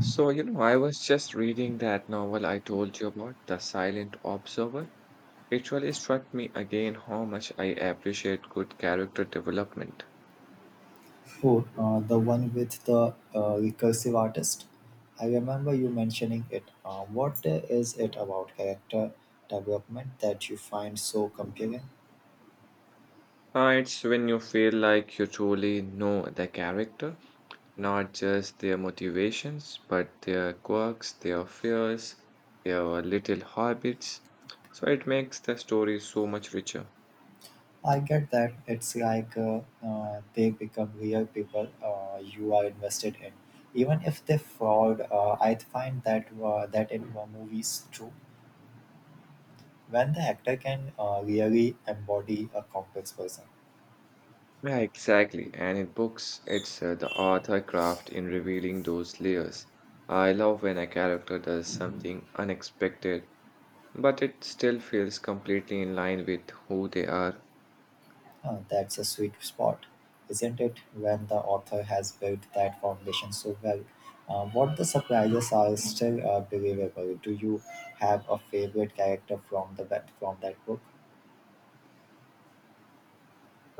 So, you know, I was just reading that novel I told you about, The Silent Observer. It really struck me again how much I appreciate good character development. Oh, the one with the recursive artist. I remember you mentioning it. What is it about character development that you find so compelling? It's when you feel like you truly know the character, not just their motivations, but their quirks, their fears, their little habits. So it makes the story so much richer. I get that it's like they become real people you are invested in, even if they fraud. I find that in movies too, when the actor can really embody a complex person. Yeah, exactly. And in books, it's the author craft in revealing those layers. I love when a character does something unexpected, but it still feels completely in line with who they are. That's a sweet spot, isn't it? When the author has built that foundation so well. What the surprises are still believable. Do you have a favorite character from the that from that book?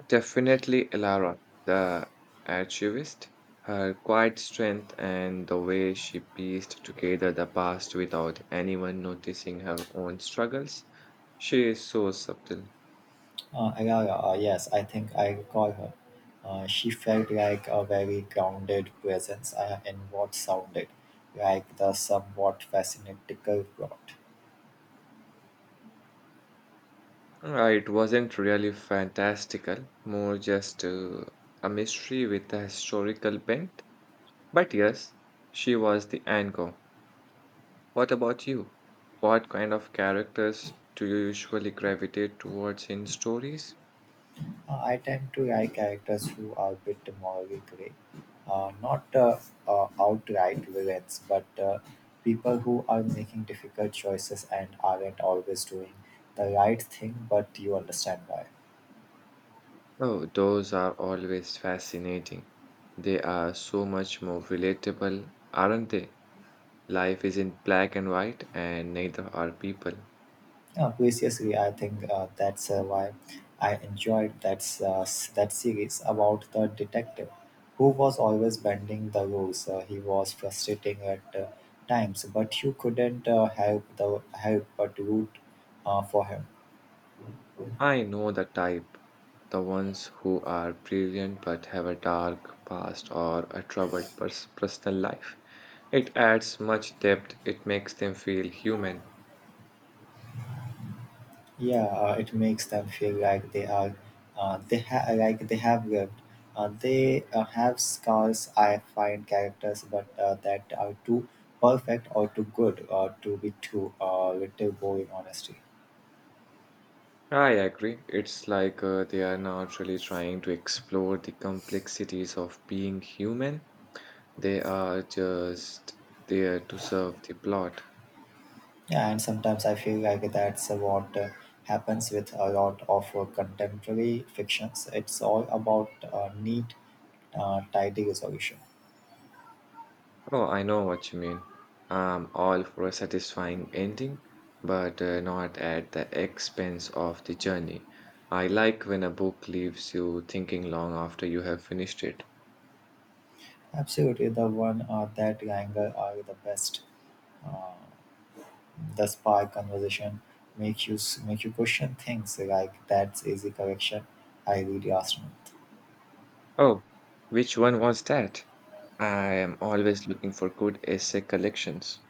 Definitely Elara, the archivist, her quiet strength and the way she pieced together the past without anyone noticing her own struggles. She is so subtle. Ayara, yes, I think I recall her. She felt like a very grounded presence in what sounded like the somewhat fascinating plot. It wasn't really fantastical, more just a mystery with a historical bent. But yes, she was the anchor. What about you? What kind of characters do you usually gravitate towards in stories? I tend to like characters who are a bit morally grey, not outright villains, but people who are making difficult choices and aren't always doing the right thing, but you understand why. Oh, those are always fascinating. They are so much more relatable, aren't they? Life isn't black and white, and neither are people. Yeah, previously, I think that's why I enjoyed that series about the detective who was always bending the rules. He was frustrating at times, but you couldn't help but root for him. I know the type. The ones who are brilliant but have a dark past or a troubled personal life. It adds much depth, it makes them feel human. Yeah, it makes them feel like they are, they ha- like they have lived. They have scars. I find characters, but that are too perfect or too good or to be too little boring. Honestly, I agree. It's like they are not really trying to explore the complexities of being human, they are just there to serve the plot. yeah, and sometimes I feel like that's what happens with a lot of contemporary fictions. It's all about neat, tidy resolution. Oh, I know what you mean. I'm all for a satisfying ending, but not at the expense of the journey. I like when a book leaves you thinking long after you have finished it. Absolutely, the one that Langer are the best. Uh, The spark conversation make you question things like that's easy correction I really asked me. Oh, which one was that? I am always looking for good essay collections.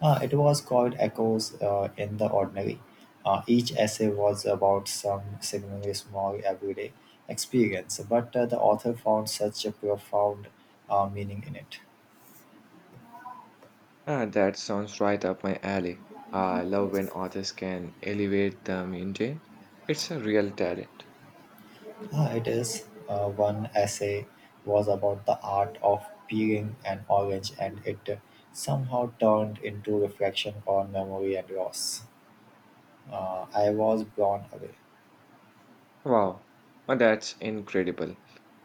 It was called Echoes in the Ordinary. Each essay was about some seemingly small everyday experience, but the author found such a profound meaning in it. Ah, that sounds right up my alley. I love when authors can elevate the mundane. It's a real talent. Ah, it is one essay was about the art of peeling an orange, and it somehow turned into reflection on memory and loss. I was blown away. Wow, that's incredible.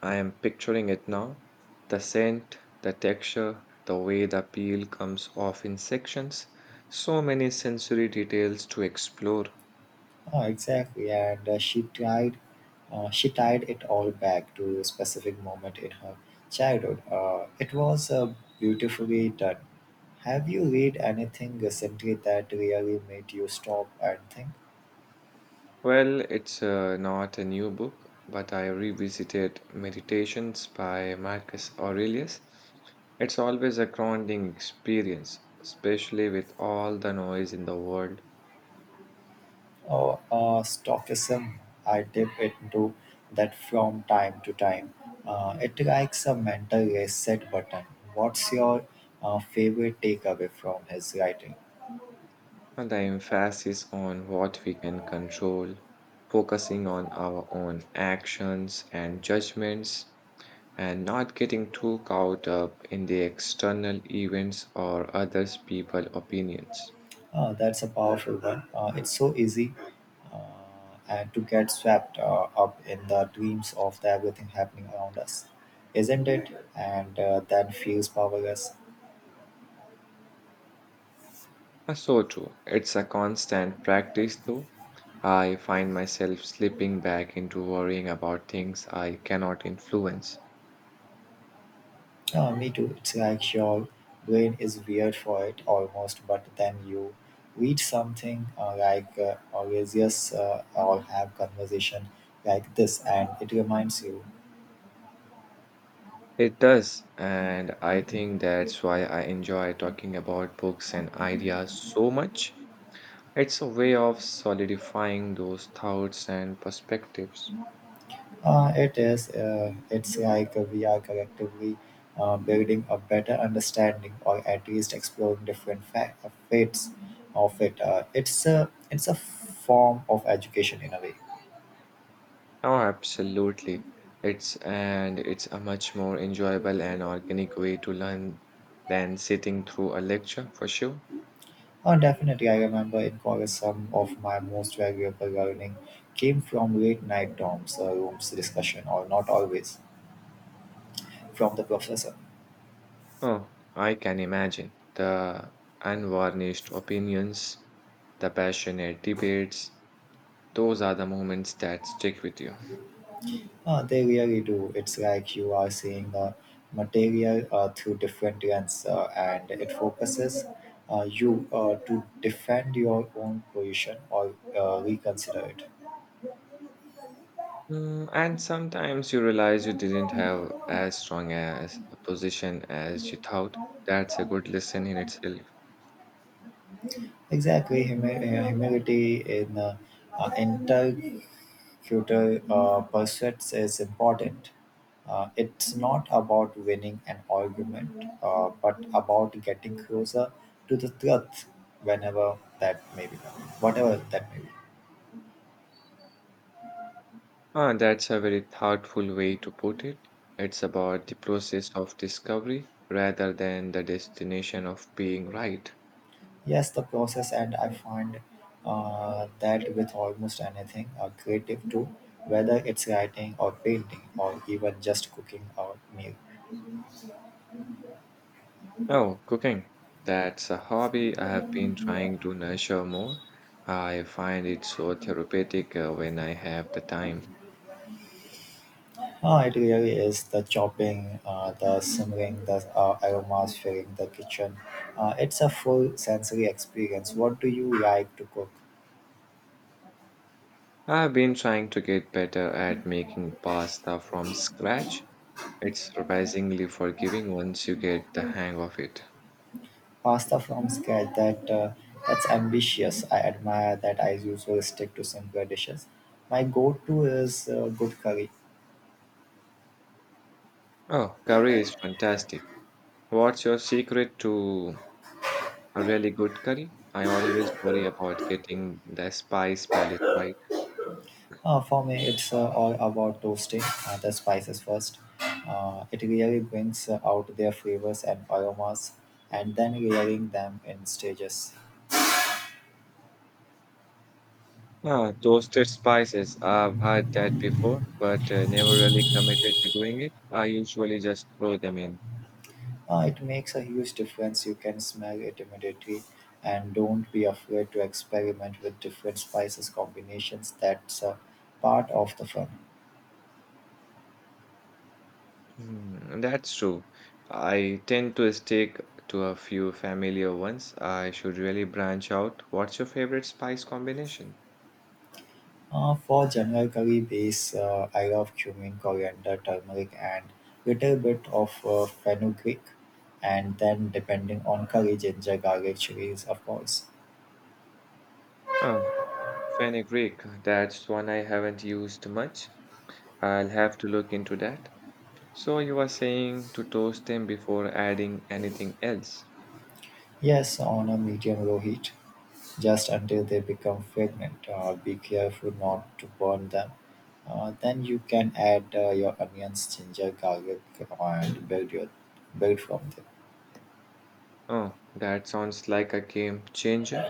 I am picturing it now. The scent, the texture, the way the peel comes off in sections. So many sensory details to explore. Oh, exactly, and she tied it all back to a specific moment in her childhood. It was beautifully done. Have you read anything recently that really made you stop and think? Well, it's not a new book, but I revisited Meditations by Marcus Aurelius. It's always a grounding experience, especially with all the noise in the world. Oh, stoicism. I dip into that from time to time. It likes a mental reset button. What's your favorite takeaway from his writing? And the emphasis on what we can control, focusing on our own actions and judgments, and not getting too caught up in the external events or others' people opinions. That's a powerful one. It's so easy and to get swept up in the dreams of the everything happening around us, isn't it? And then feels powerless. So true. It's a constant practice, though. I find myself slipping back into worrying about things I cannot influence. Me too. It's like your brain is weird for it almost, but then you read something like Orasius or have conversation like this, and it reminds you. It does, and I think that's why I enjoy talking about books and ideas so much. It's a way of solidifying those thoughts and perspectives. It is. It's like we are collectively building a better understanding, or at least exploring different fates of it. It's a form of education in a way. Oh, absolutely. It's and it's a much more enjoyable and organic way to learn than sitting through a lecture for sure. Oh, definitely. I remember in college, some of my most valuable learning came from late night dorms, rooms discussion, or not always from the professor. Oh, I can imagine the unvarnished opinions, the passionate debates. Those are the moments that stick with you. They really do. It's like you are seeing the material through different lens, and it focuses you to defend your own position or reconsider it. Mm, and sometimes you realize you didn't have as strong as a position as you thought. That's a good lesson in itself. Exactly, humility in uh, future pursuits is important. It's not about winning an argument, but about getting closer to the truth whenever that may be, whatever that may be. Ah, that's a very thoughtful way to put it. It's about the process of discovery rather than the destination of being right. Yes, the process, and I find that with almost anything a creative too, whether it's writing or painting or even just cooking a meal. Oh, cooking. That's a hobby I have been trying to nurture more. I find it so therapeutic when I have the time. Ah, it really is the chopping, the simmering, the aromas filling the kitchen. It's a full sensory experience. What do you like to cook? I've been trying to get better at making pasta from scratch. It's surprisingly forgiving once you get the hang of it. Pasta from scratch. That's ambitious. I admire that. I usually stick to simpler dishes. My go-to is good curry. Oh, curry is fantastic. What's your secret to a really good curry? I always worry about getting the spice palette right. For me, it's all about toasting the spices first. It really brings out their flavors and aromas, and then layering them in stages. Ah, toasted spices. I've had that before, but never really committed to doing it. I usually just throw them in. It makes a huge difference. You can smell it immediately, and don't be afraid to experiment with different spices combinations. That's a part of the fun. Mm, that's true. I tend to stick to a few familiar ones. I should really branch out. What's your favorite spice combination? For general curry base, I love cumin, coriander, turmeric, and little bit of fenugreek, and then depending on curry, ginger, garlic, chilies, of course. Ah, fenugreek. That's one I haven't used much. I'll have to look into that. So you are saying to toast them before adding anything else. Yes, on a medium low heat. Just until they become fragrant. Be careful not to burn them. Then you can add your onions, ginger, garlic, and build from them. Oh, that sounds like a game changer.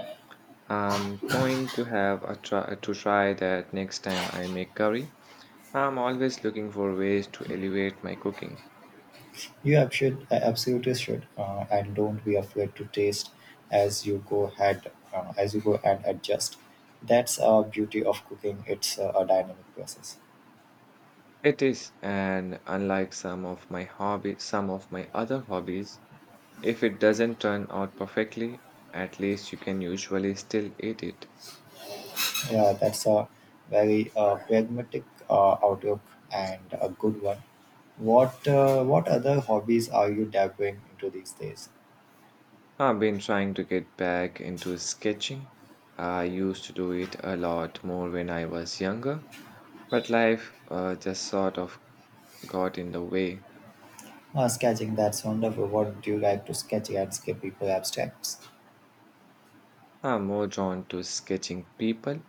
I'm going to have a try to try that next time I make curry. I'm always looking for ways to elevate my cooking. You ab- should absolutely should, and don't be afraid to taste as you go ahead, as you go and adjust. That's a beauty of cooking. It's a dynamic process. It is, and unlike some of my other hobbies, if it doesn't turn out perfectly, at least you can usually still eat it. Yeah, that's a very pragmatic outlook and a good one. What other hobbies are you dabbling into these days? I've been trying to get back into sketching. I used to do it a lot more when I was younger, but life just sort of got in the way. Sketching, that's wonderful. What do you like to sketch? Landscape, people, abstracts. I'm more drawn to sketching people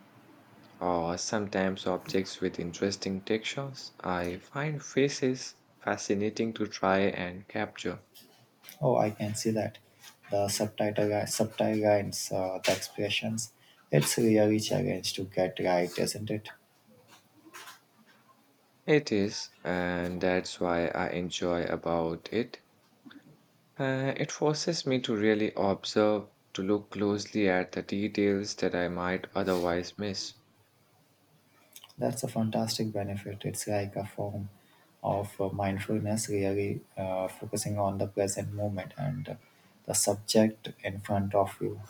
or sometimes objects with interesting textures. I find faces fascinating to try and capture. Oh, I can see that. The subtitle lines, the expressions. It's really challenge to get right, isn't it? It is, and that's why I enjoy about it. It forces me to really observe, to look closely at the details that I might otherwise miss. That's a fantastic benefit. It's like a form of mindfulness, really focusing on the present moment and the subject in front of you.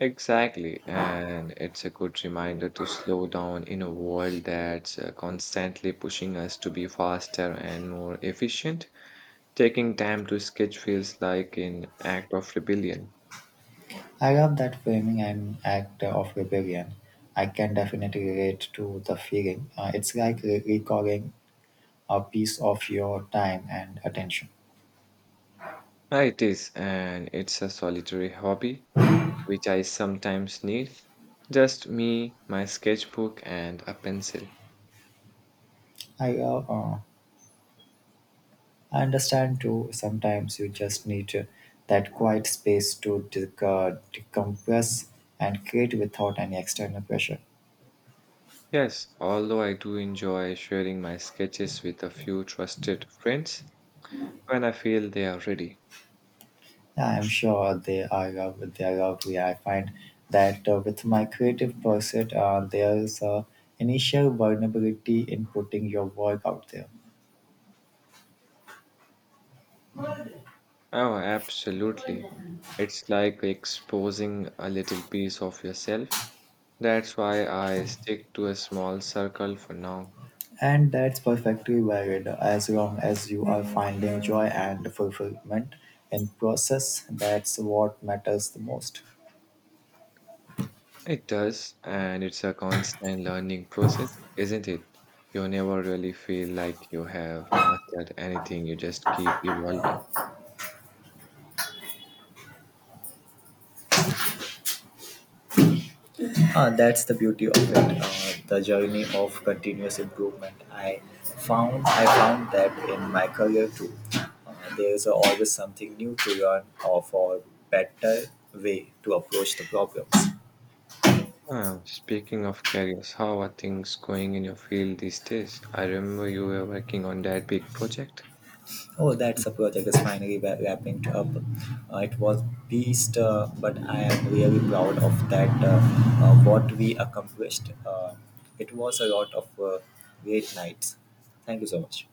Exactly, and it's a good reminder to slow down in a world that's constantly pushing us to be faster and more efficient. Taking time to sketch feels like an act of rebellion. I love that framing and act of rebellion. I can definitely relate to the feeling. It's like recalling a piece of your time and attention. Ah, it is, and it's a solitary hobby, which I sometimes need. Just me, my sketchbook, and a pencil. I love, uh, I understand too. Sometimes you just need that quiet space to decompress and create without any external pressure. Yes, although I do enjoy sharing my sketches with a few trusted friends when I feel they are ready. I am sure they are lovely. I find that with my creative pursuit, there's a initial vulnerability in putting your work out there, Oh, absolutely. It's like exposing a little piece of yourself. That's why I stick to a small circle for now. and that's perfectly valid as long as you are finding joy and fulfillment in process. That's what matters the most. It does, and it's a constant learning process, isn't it? You never really feel like you have mastered anything, you just keep evolving. Ah, that's the beauty of it, the journey of continuous improvement. I found that in my career too. There is always something new to learn of or better way to approach the problems. Ah, speaking of careers, how are things going in your field these days? I remember you were working on that big project. Oh, that's a project is finally wrapping up. It was beast, but I am really proud of that. What we accomplished. It was a lot of great nights. Thank you so much.